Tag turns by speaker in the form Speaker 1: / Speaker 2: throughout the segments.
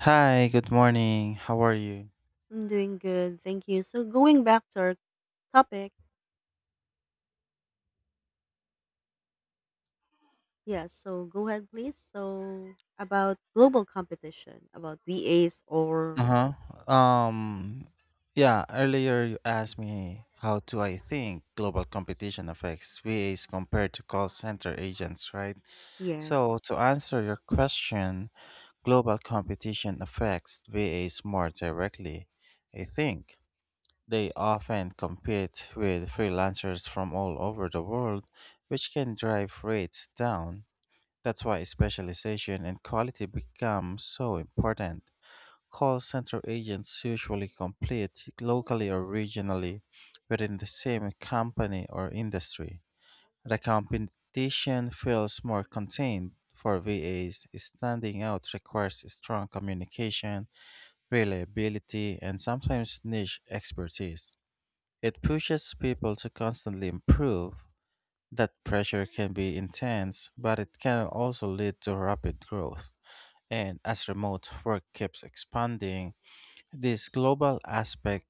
Speaker 1: Hi, good morning. How are you?
Speaker 2: I'm doing good, thank you. So going back to our topic, yes, so go ahead please. So about global competition, about VAs or
Speaker 1: Uh-huh. Um yeah, earlier you asked me how do I think global competition affects VAs compared to call center agents, right?
Speaker 2: yes.
Speaker 1: So, to answer your question, global competition affects VAs more directly. I think they often compete with freelancers from all over the world, which can drive rates down. That's why specialization and quality become so important. Call center agents usually compete locally or regionally within the same company or industry. The competition feels more contained. For VAs, standing out requires strong communication, reliability, and sometimes niche expertise. It pushes people to constantly improve that pressure can be intense, but it can also lead to rapid growth. And as remote work keeps expanding, this global aspect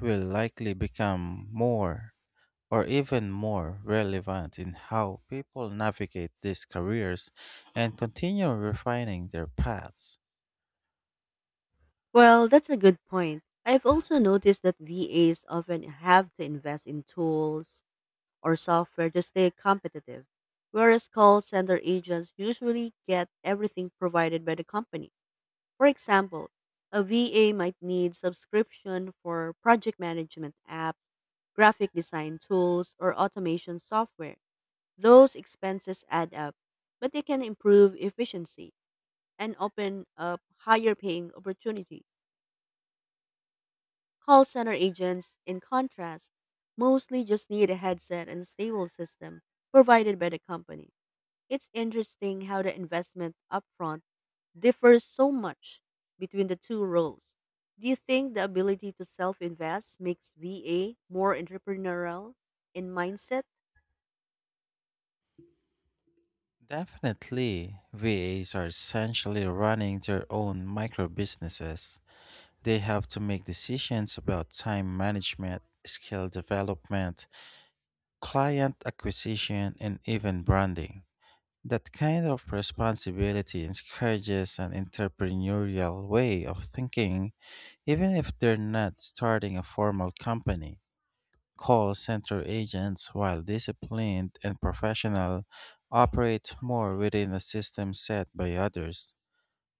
Speaker 1: will likely become more or even more relevant in how people navigate these careers and continue refining their paths.
Speaker 2: Well, that's a good point. I've also noticed that VAs often have to invest in tools or software to stay competitive, whereas call center agents usually get everything provided by the company. For example, a VA might need subscription for project management apps, graphic design tools, or automation software. Those expenses add up, but they can improve efficiency and open up higher paying opportunities. Call center agents, in contrast, mostly just need a headset and a stable system provided by the company. It's interesting how the investment upfront differs so much between the two roles. Do you think the ability to self invest makes VA more entrepreneurial in mindset?
Speaker 1: Definitely, VAs are essentially running their own micro businesses. They have to make decisions about time management, skill development, client acquisition, and even branding. That kind of responsibility encourages an entrepreneurial way of thinking, even if they're not starting a formal company. Call center agents, while disciplined and professional, operate more within a system set by others.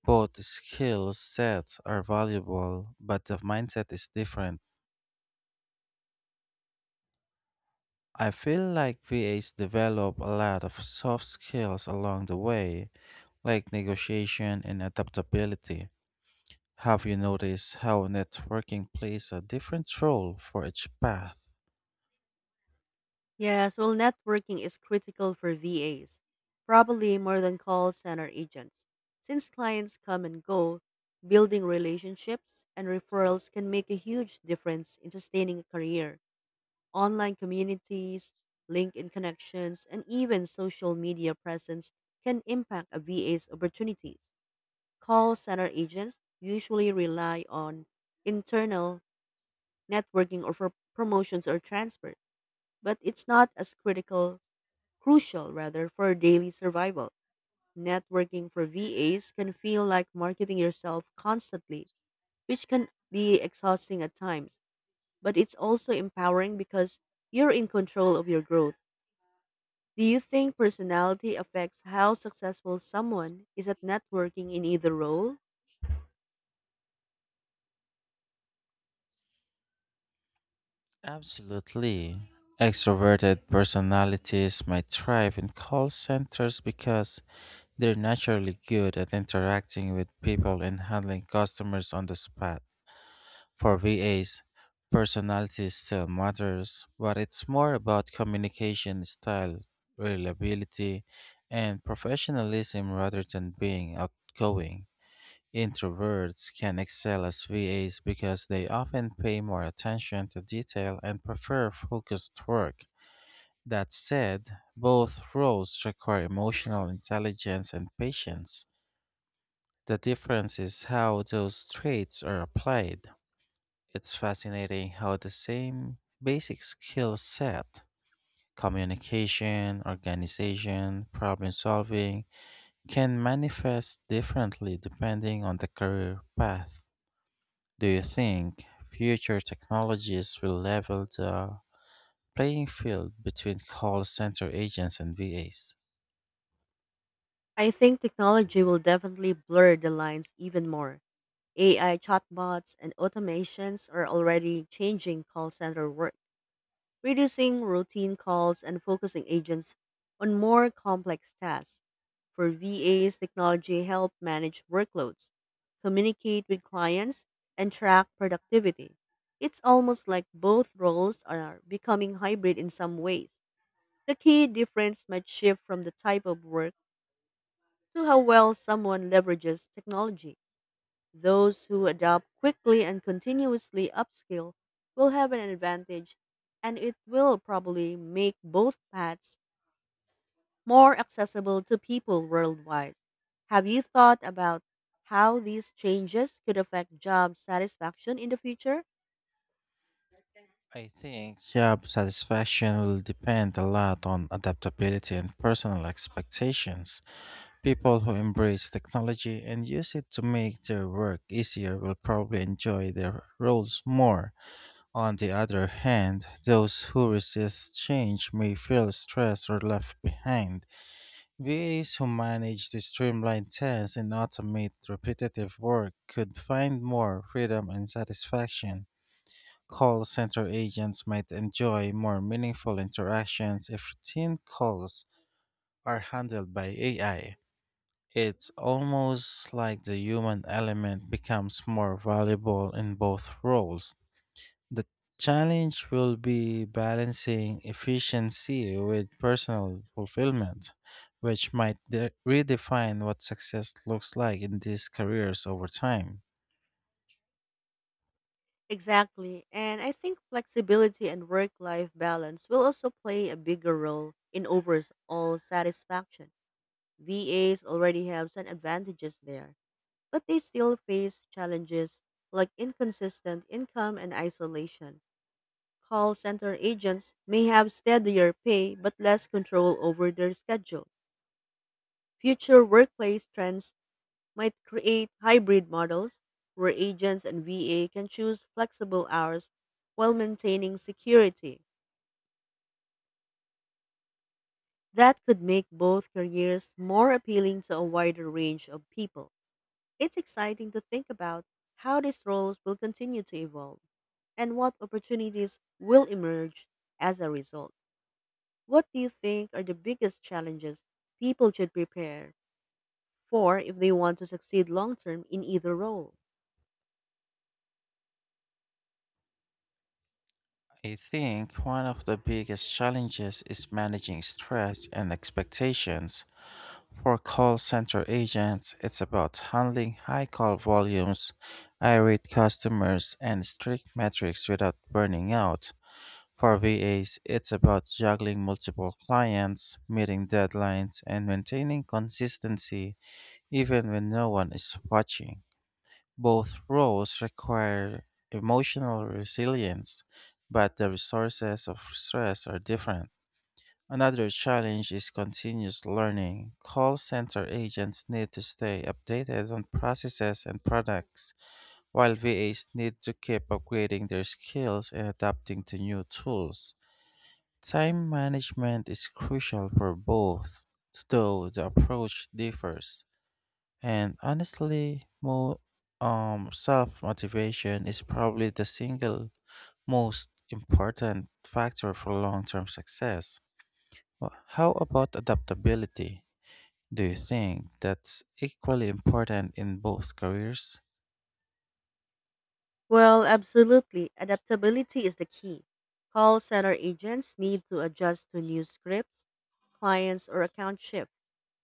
Speaker 1: Both skill sets are valuable, but the mindset is different. I feel like VAs develop a lot of soft skills along the way, like negotiation and adaptability. Have you noticed how networking plays a different role for each path?
Speaker 2: Yes, well, networking is critical for VAs, probably more than call center agents. Since clients come and go, building relationships and referrals can make a huge difference in sustaining a career. Online communities, LinkedIn connections, and even social media presence can impact a VA's opportunities. Call center agents usually rely on internal networking or for promotions or transfers, but it's not as critical, crucial rather, for daily survival. Networking for VAs can feel like marketing yourself constantly, which can be exhausting at times, but it's also empowering because you're in control of your growth. Do you think personality affects how successful someone is at networking in either role?
Speaker 1: Absolutely. Extroverted personalities might thrive in call centers because they're naturally good at interacting with people and handling customers on the spot. For VAs, personality still matters, but it's more about communication style, reliability, and professionalism rather than being outgoing. Introverts can excel as VAs because they often pay more attention to detail and prefer focused work. That said, both roles require emotional intelligence and patience. The difference is how those traits are applied. It's fascinating how the same basic skill set, communication, organization, problem solving, can manifest differently depending on the career path. Do you think future technologies will level the playing field between call center agents and VAs?
Speaker 2: I think technology will definitely blur the lines even more. AI chatbots and automations are already changing call center work, reducing routine calls and focusing agents on more complex tasks. For VAs, technology help manage workloads, communicate with clients, and track productivity. It's almost like both roles are becoming hybrid in some ways. The key difference might shift from the type of work to how well someone leverages technology. Those who adopt quickly and continuously upskill will have an advantage, and it will probably make both paths more accessible to people worldwide. Have you thought about how these changes could affect job satisfaction in the future?
Speaker 1: I think job satisfaction will depend a lot on adaptability and personal expectations. People who embrace technology and use it to make their work easier will probably enjoy their roles more. On the other hand, those who resist change may feel stressed or left behind. VAs who manage to streamline tasks and automate repetitive work could find more freedom and satisfaction. Call center agents might enjoy more meaningful interactions if routine calls are handled by AI. It's almost like the human element becomes more valuable in both roles. The challenge will be balancing efficiency with personal fulfillment, which might redefine what success looks like in these careers over time.
Speaker 2: Exactly. And I think flexibility and work life balance will also play a bigger role in overall satisfaction. VAs already have some advantages there, but they still face challenges like inconsistent income and isolation. Call center agents may have steadier pay but less control over their schedule. Future workplace trends might create hybrid models where agents and VA can choose flexible hours while maintaining security. That could make both careers more appealing to a wider range of people. It's exciting to think about how these roles will continue to evolve and what opportunities will emerge as a result. What do you think are the biggest challenges people should prepare for if they want to succeed long term in either role?
Speaker 1: I think one of the biggest challenges is managing stress and expectations. For call center agents, it's about handling high call volumes, irate customers, and strict metrics without burning out. For VAs, it's about juggling multiple clients, meeting deadlines, and maintaining consistency even when no one is watching. Both roles require emotional resilience, but the resources of stress are different. Another challenge is continuous learning. Call center agents need to stay updated on processes and products, while VAs need to keep upgrading their skills and adapting to new tools. Time management is crucial for both, though the approach differs. And honestly, self motivation is probably the single most important factor for long term success. Well, how about adaptability? Do you think that's equally important in both careers?
Speaker 2: Well, absolutely. Adaptability is the key. Call center agents need to adjust to new scripts, clients, or account shift,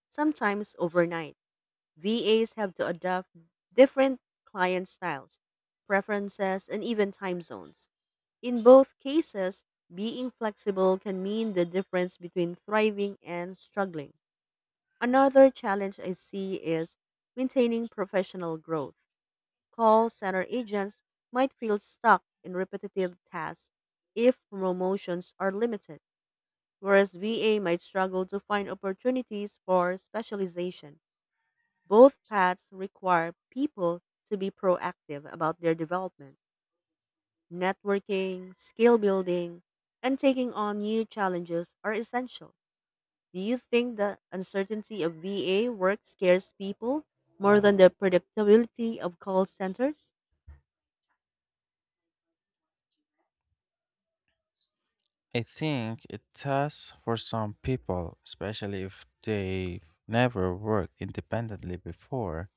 Speaker 2: sometimes overnight. VAs have to adapt different client styles, preferences, and even time zones. In both cases, being flexible can mean the difference between thriving and struggling. Another challenge I see is maintaining professional growth. Call center agents might feel stuck in repetitive tasks if promotions are limited, whereas VA might struggle to find opportunities for specialization. Both paths require people to be proactive about their development. Networking, skill building, and taking on new challenges are essential. Do you think the uncertainty of VA work scares people more than the predictability of call centers?
Speaker 1: I think it has for some people, especially if they've never worked independently before.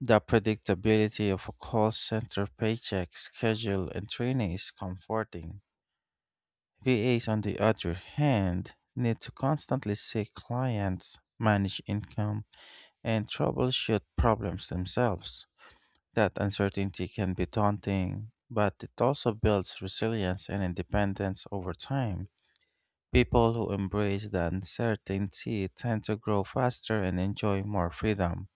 Speaker 1: The predictability of a call center paycheck schedule and training is comforting. VAs, on the other hand, need to constantly see clients, manage income, and troubleshoot problems themselves. That uncertainty can be daunting, but it also builds resilience and independence over time. People who embrace the uncertainty tend to grow faster and enjoy more freedom.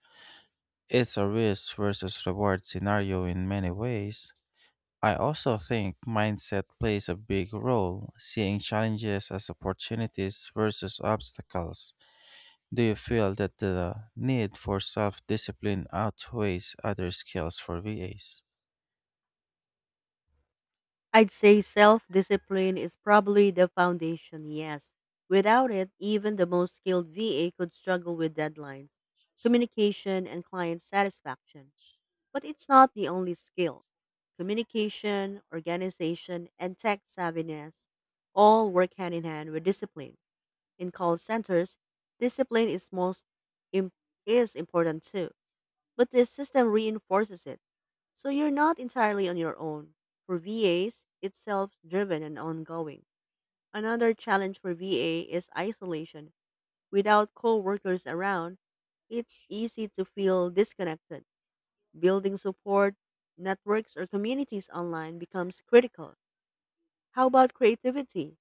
Speaker 1: It's a risk versus reward scenario in many ways. I also think mindset plays a big role, seeing challenges as opportunities versus obstacles. Do you feel that the need for self discipline outweighs other skills for VAs?
Speaker 2: I'd say self discipline is probably the foundation, yes. Without it, even the most skilled VA could struggle with deadlines, communication, and client satisfaction. But it's not the only skill. Communication, organization, and tech savviness all work hand in hand with discipline. In call centers, discipline is im- is important too, but the system reinforces it. So you're not entirely on your own. For VAs, it's self-driven and ongoing. Another challenge for VA is isolation. Without co-workers around, it's easy to feel disconnected. Building support networks or communities online becomes critical. How about creativity?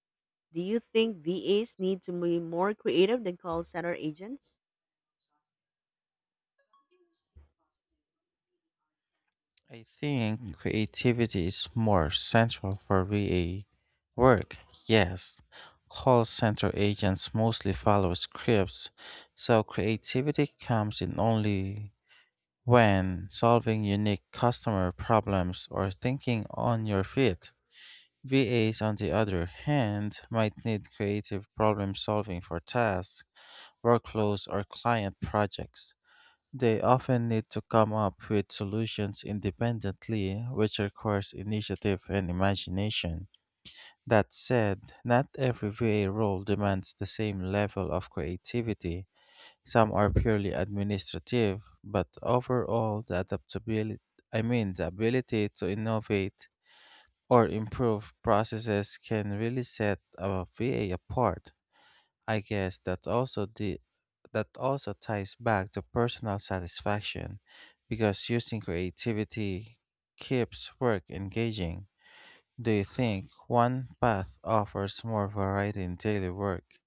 Speaker 2: Do you think VAs need to be more creative than call center agents?
Speaker 1: I think creativity is more central for VA work. Yes, call center agents mostly follow scripts, so creativity comes in only when solving unique customer problems or thinking on your feet. VAs, on the other hand, might need creative problem solving for tasks, workflows, or client projects. They often need to come up with solutions independently, which requires initiative and imagination. That said, not every VA role demands the same level of creativity. Some are purely administrative, but overall, the adaptability, I mean, the ability to innovate or improve processes can really set a VA apart. I guess that also ties back to personal satisfaction because using creativity keeps work engaging. Do you think one path offers more variety in daily work?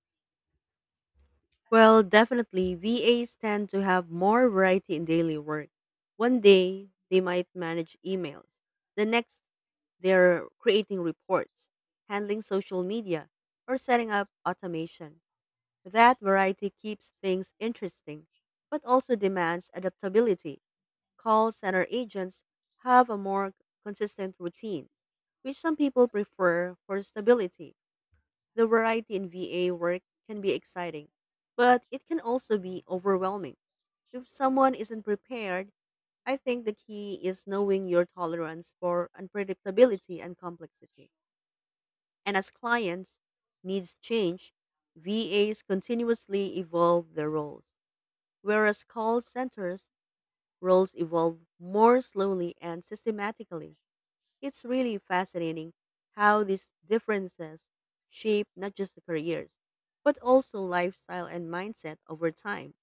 Speaker 2: Well, definitely, VAs tend to have more variety in daily work. One day, they might manage emails. The next, they're creating reports, handling social media, or setting up automation. That variety keeps things interesting, but also demands adaptability. Call center agents have a more consistent routine, which some people prefer for stability. The variety in VA work can be exciting, but it can also be overwhelming. If someone isn't prepared, I think the key is knowing your tolerance for unpredictability and complexity. And as clients' needs change, VAs continuously evolve their roles, whereas call centers roles evolve more slowly and systematically. It's really fascinating how these differences shape not just the careers, but also lifestyle and mindset over time.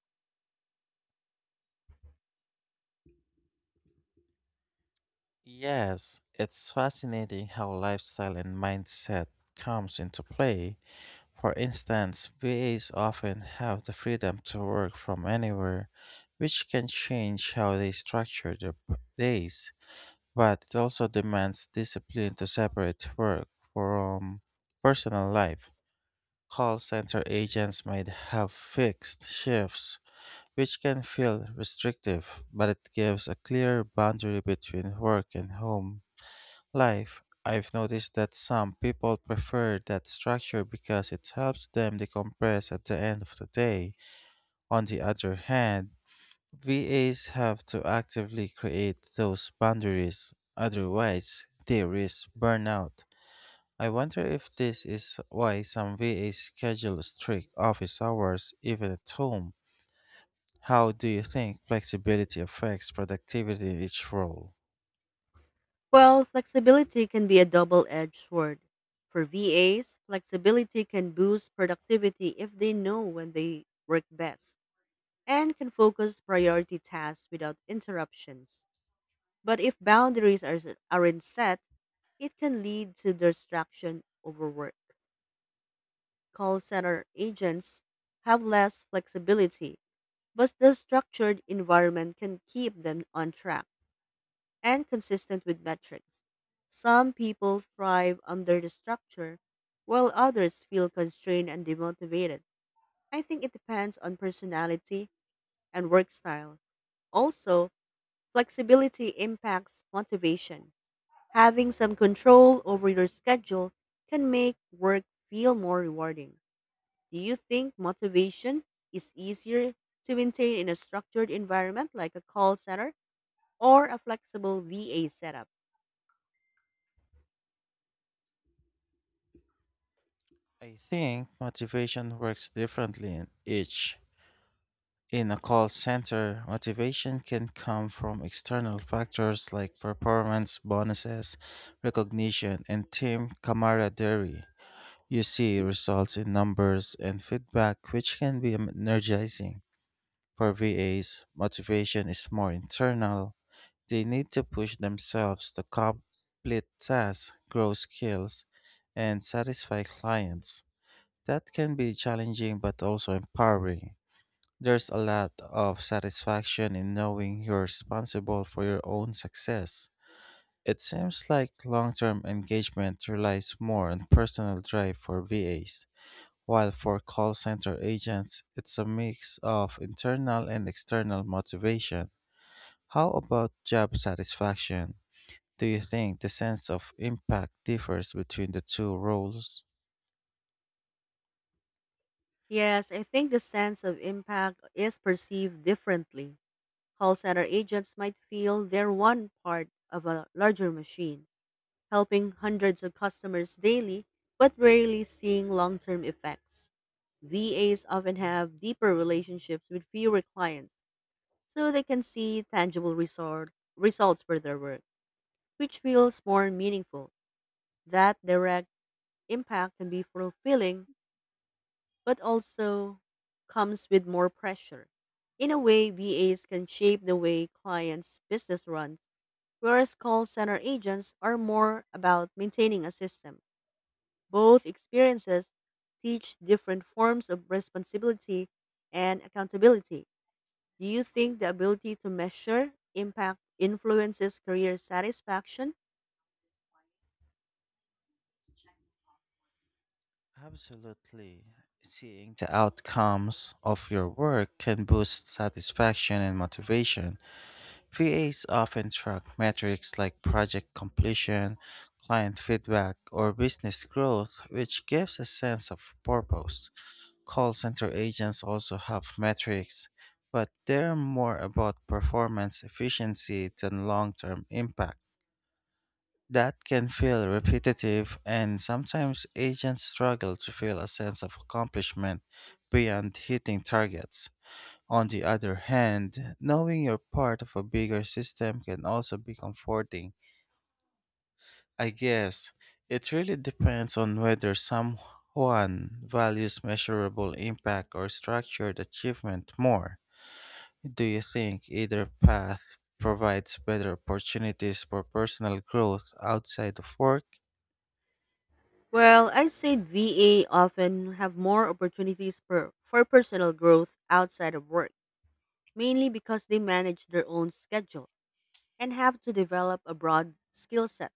Speaker 1: Yes, it's fascinating how lifestyle and mindset comes into play. For instance, VAs often have the freedom to work from anywhere, which can change how they structure their days. But it also demands discipline to separate work from personal life. Call center agents might have fixed shifts, which can feel restrictive, but it gives a clear boundary between work and home life. I've noticed that some people prefer that structure because it helps them decompress at the end of the day. On the other hand, VAs have to actively create those boundaries, otherwise, they risk burnout. I wonder if this is why some VAs schedule strict office hours even at home. How do you think flexibility affects productivity in each role?
Speaker 2: Well, flexibility can be a double edged sword. For VAs, flexibility can boost productivity if they know when they work best and can focus priority tasks without interruptions. But if aren't set, it can lead to distraction overwork. Call center agents have less flexibility, but the structured environment can keep them on track and consistent with metrics. Some people thrive under the structure, while others feel constrained and demotivated. I think it depends on personality and work style. Also, flexibility impacts motivation. Having some control over your schedule can make work feel more rewarding. Do you think motivation is easier to maintain in a structured environment like a call center or a flexible VA setup?
Speaker 1: I think motivation works differently in each. In a call center, motivation can come from external factors like performance bonuses, recognition, and team camaraderie. You see results in numbers and feedback, which can be energizing. For VAs, motivation is more internal. They need to push themselves to complete tasks, grow skills, and satisfy clients. That can be challenging but also empowering. There's a lot of satisfaction in knowing you're responsible for your own success. It seems like long term engagement relies more on personal drive for VAs, while for call center agents, it's a mix of internal and external motivation. How about job satisfaction? Do you think the sense of impact differs between the two roles?
Speaker 2: Yes, I think the sense of impact is perceived differently. Call center agents might feel they're one part of a larger machine helping hundreds of customers daily, but rarely seeing long term effects. VAs often have deeper relationships with fewer clients, so they can see tangible results for their work, which feels more meaningful. That direct impact can be fulfilling, but also comes with more pressure. In a way, VAs can shape the way clients' business runs, whereas call center agents are more about maintaining a system. Both experiences teach different forms of responsibility and accountability. Do you think the ability to measure impact influences career satisfaction?
Speaker 1: Absolutely. Seeing the outcomes of your work can boost satisfaction and motivation. VAs often track metrics like project completion, client feedback, or business growth, which gives a sense of purpose. Call center agents also have metrics, but they're more about performance efficiency than long term impact. That can feel repetitive, and sometimes agents struggle to feel a sense of accomplishment beyond hitting targets. On the other hand, knowing you're part of a bigger system can also be comforting. I guess it really depends on whether someone values measurable impact or structured achievement more. Do you think either path provides better opportunities for personal growth outside of work?
Speaker 2: Well, I'd say VA often have more opportunities for personal growth outside of work, mainly because they manage their own schedule and have to develop a broad skill set.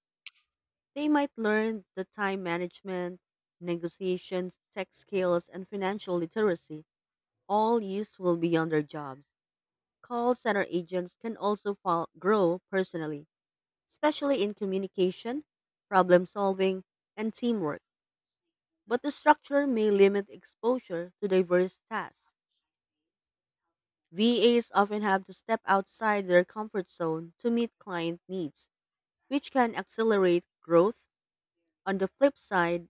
Speaker 2: They might learn the time management, negotiations, tech skills, and financial literacy all youths will be on their jobs. Call center agents can also grow personally, especially in communication, problem solving, and teamwork. But the structure may limit exposure to diverse tasks. VAs often have to step outside their comfort zone to meet client needs, which can accelerate growth. On the flip side,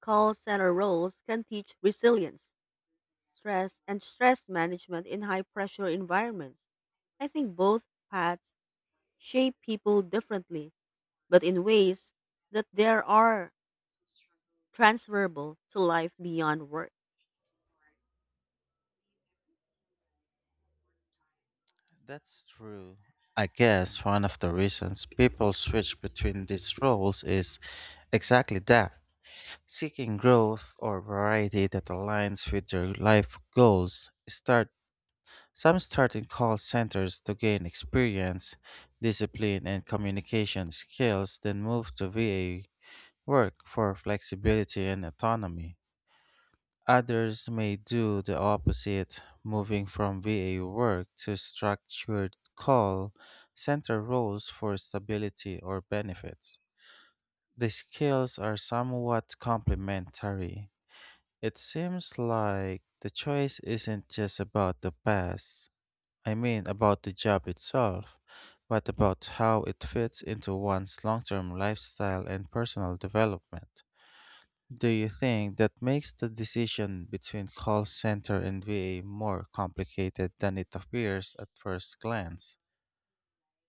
Speaker 2: call center roles can teach resilience stress, and stress management in high pressure environments. I think both paths shape people differently, but in ways that there are transferable to life beyond work.
Speaker 1: That's true. I guess one of the reasons people switch between these roles is exactly that seeking growth or variety that aligns with their life goals. Start some start in call centers to gain experience, discipline and communication skills, then move to VA work for flexibility and autonomy. Others may do the opposite, moving from VA work to structured call center roles for stability or benefits. The skills are somewhat complementary. It seems like the choice isn't just about the past, I mean about the job itself, but about how it fits into one's long term lifestyle and personal development. Do you think that makes the decision between call center and VA more complicated than it appears at first glance?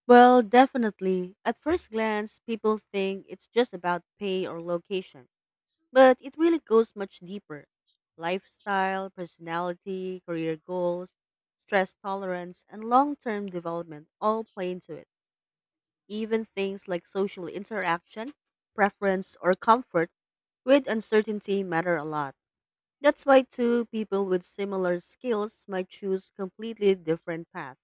Speaker 2: Well, definitely. At first glance, people think it's just about pay or location, but it really goes much deeper. Lifestyle, personality, career goals, stress tolerance, and long term development all play into it. Even things like social interaction, preference, or comfort with uncertainty matter a lot. That's why two people with similar skills might choose completely different paths.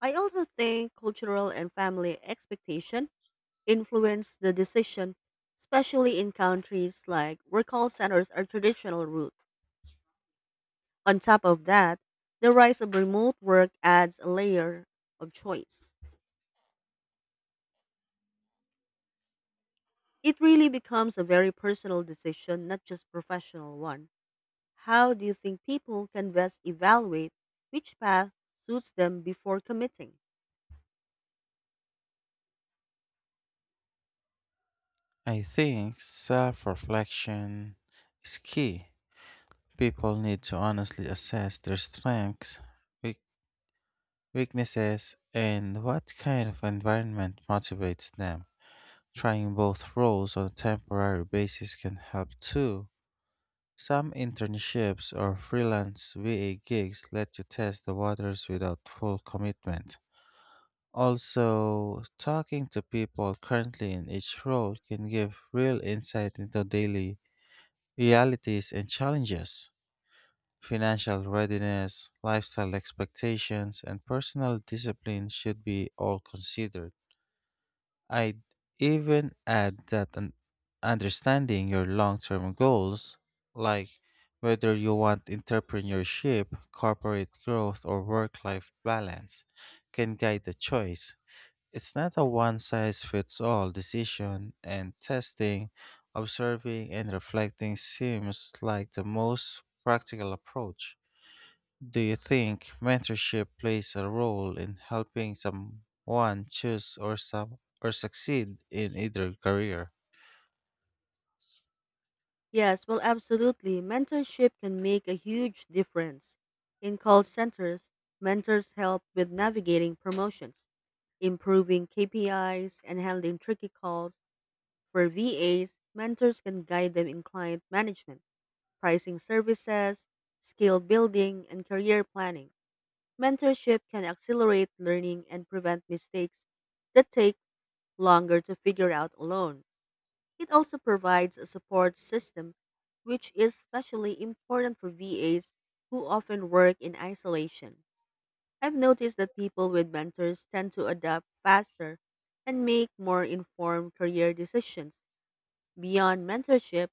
Speaker 2: I also think cultural and family expectation influence the decision, especially in countries like where call centers are traditional route. On top of that, the rise of remote work adds a layer of choice. It really becomes a very personal decision, not just professional one. How do you think people can best evaluate which path suits them before committing?
Speaker 1: I think self reflection is key. People need to honestly assess their strengths, weak- weaknesses, and what kind of environment motivates them. Trying both roles on a temporary basis can help too. Some internships or freelance VA gigs let you test the waters without full commitment. Also, talking to people currently in each role can give real insight into daily realities and challenges. Financial readiness, lifestyle expectations, and personal discipline should be all considered. I'd even add that understanding your long term goals, like whether you want entrepreneurship, corporate growth, or work life balance, can guide the choice. It's not a one size fits all decision, and testing, observing, and reflecting seems like the most practical approach. Do you think mentorship plays a role in helping someone choose or some or succeed in either career?
Speaker 2: Yes, well, absolutely. Mentorship can make a huge difference. In call centers, mentors help with navigating promotions, improving KPIs, and handling tricky calls. For VAs, mentors can guide them in client management, pricing services, skill building, and career planning. Mentorship can accelerate learning and prevent mistakes that take longer to figure out alone. It also provides a support system, which is especially important for VAs who often work in isolation. I've noticed that people with mentors tend to adapt faster and make more informed career decisions. Beyond mentorship,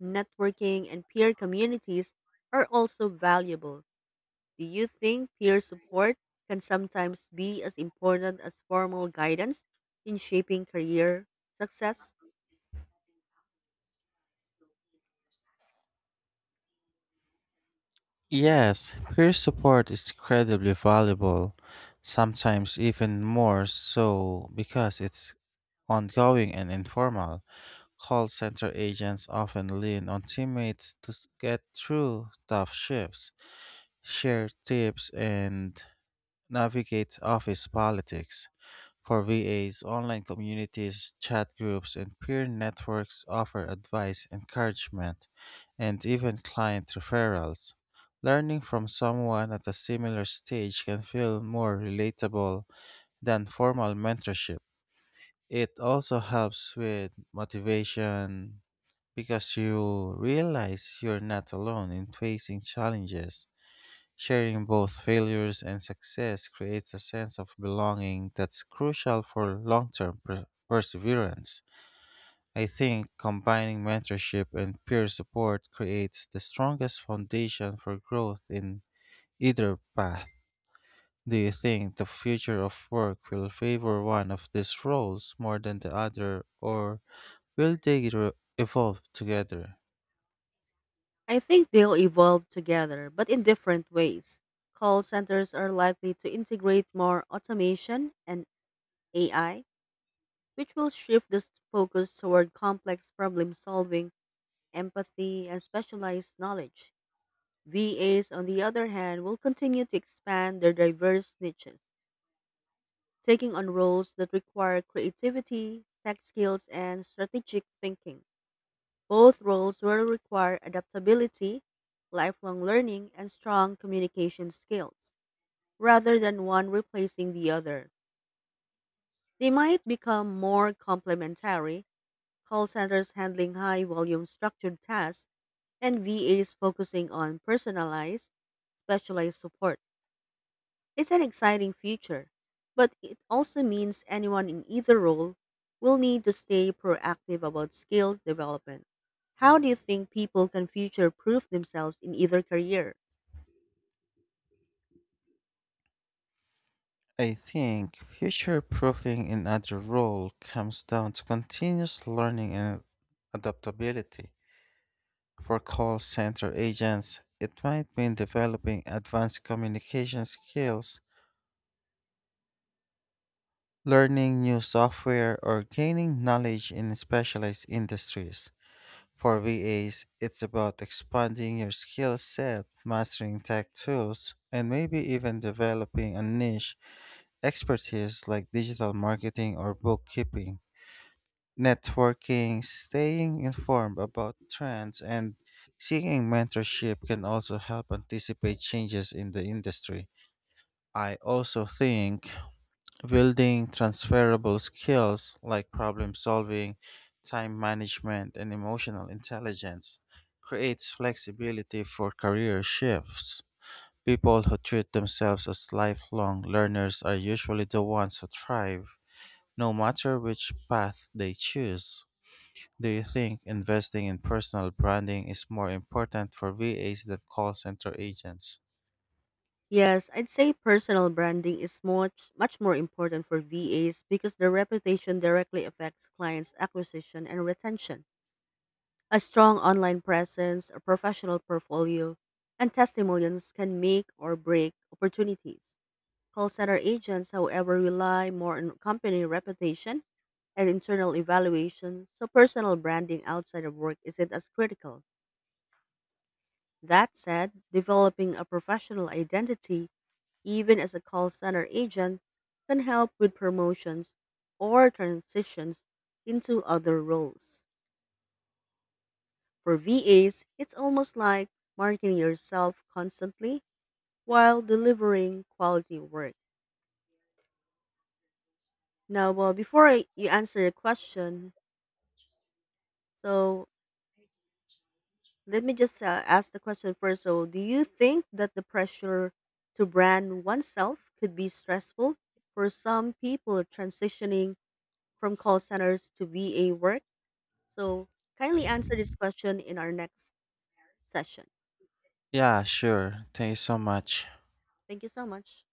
Speaker 2: networking and peer communities are also valuable. Do you think peer support can sometimes be as important as formal guidance in shaping career success?
Speaker 1: Yes, peer support is incredibly valuable, sometimes even more so because it's ongoing and informal. Call center agents often lean on teammates to get through tough shifts, share tips, and navigate office politics. For VAs, online communities, chat groups, and peer networks offer advice, encouragement, and even client referrals. Learning from someone at a similar stage can feel more relatable than formal mentorship. It also helps with motivation because you realize you're not alone in facing challenges. Sharing both failures and success creates a sense of belonging that's crucial for long term perseverance. I think combining mentorship and peer support creates the strongest foundation for growth in either path. Do you think the future of work will favor one of these roles more than the other, or will they evolve together?
Speaker 2: I think they'll evolve together, but in different ways. Call centers are likely to integrate more automation and AI, which will shift the focus toward complex problem solving, empathy, and specialized knowledge. VAs, on the other hand, will continue to expand their diverse niches taking on roles that require creativity, tech skills, and strategic thinking. Both roles will require adaptability, lifelong learning, and strong communication skills, rather than one replacing the other. They might become more complementary, call centers handling high volume structured tasks, and VAs focusing on personalized, specialized support. It's an exciting future, but it also means anyone in either role will need to stay proactive about skills development. How do you think people can future proof themselves in either career?
Speaker 1: I think future proofing in other role comes down to continuous learning and adaptability. For call center agents, it might mean developing advanced communication skills, learning new software, or gaining knowledge in specialized industries. For VAs, it's about expanding your skill set, mastering tech tools, and maybe even developing a niche expertise like digital marketing or bookkeeping. Networking, staying informed about trends, and seeking mentorship can also help anticipate changes in the industry. I also think building transferable skills like problem solving, time management, and emotional intelligence creates flexibility for career shifts. People who treat themselves as lifelong learners are usually the ones who thrive, no matter which path they choose. Do you think investing in personal branding is more important for VAs than call center agents?
Speaker 2: Yes, I'd say personal branding is much more important for VAs because their reputation directly affects clients' acquisition and retention. A strong online presence, a professional portfolio, and testimonials can make or break opportunities. Call center agents, however, rely more on company reputation and internal evaluation, so personal branding outside of work isn't as critical. That said, developing a professional identity, even as a call center agent, can help with promotions or transitions into other roles. For VAs, it's almost like marketing yourself constantly while delivering quality work. Now, well, you answer your question, so let me just ask the question first. So, do you think that the pressure to brand oneself could be stressful for some people transitioning from call centers to VA work? So, kindly answer this question in our next session.
Speaker 1: Yeah, sure. Thank you so much.
Speaker 2: Thank you so much.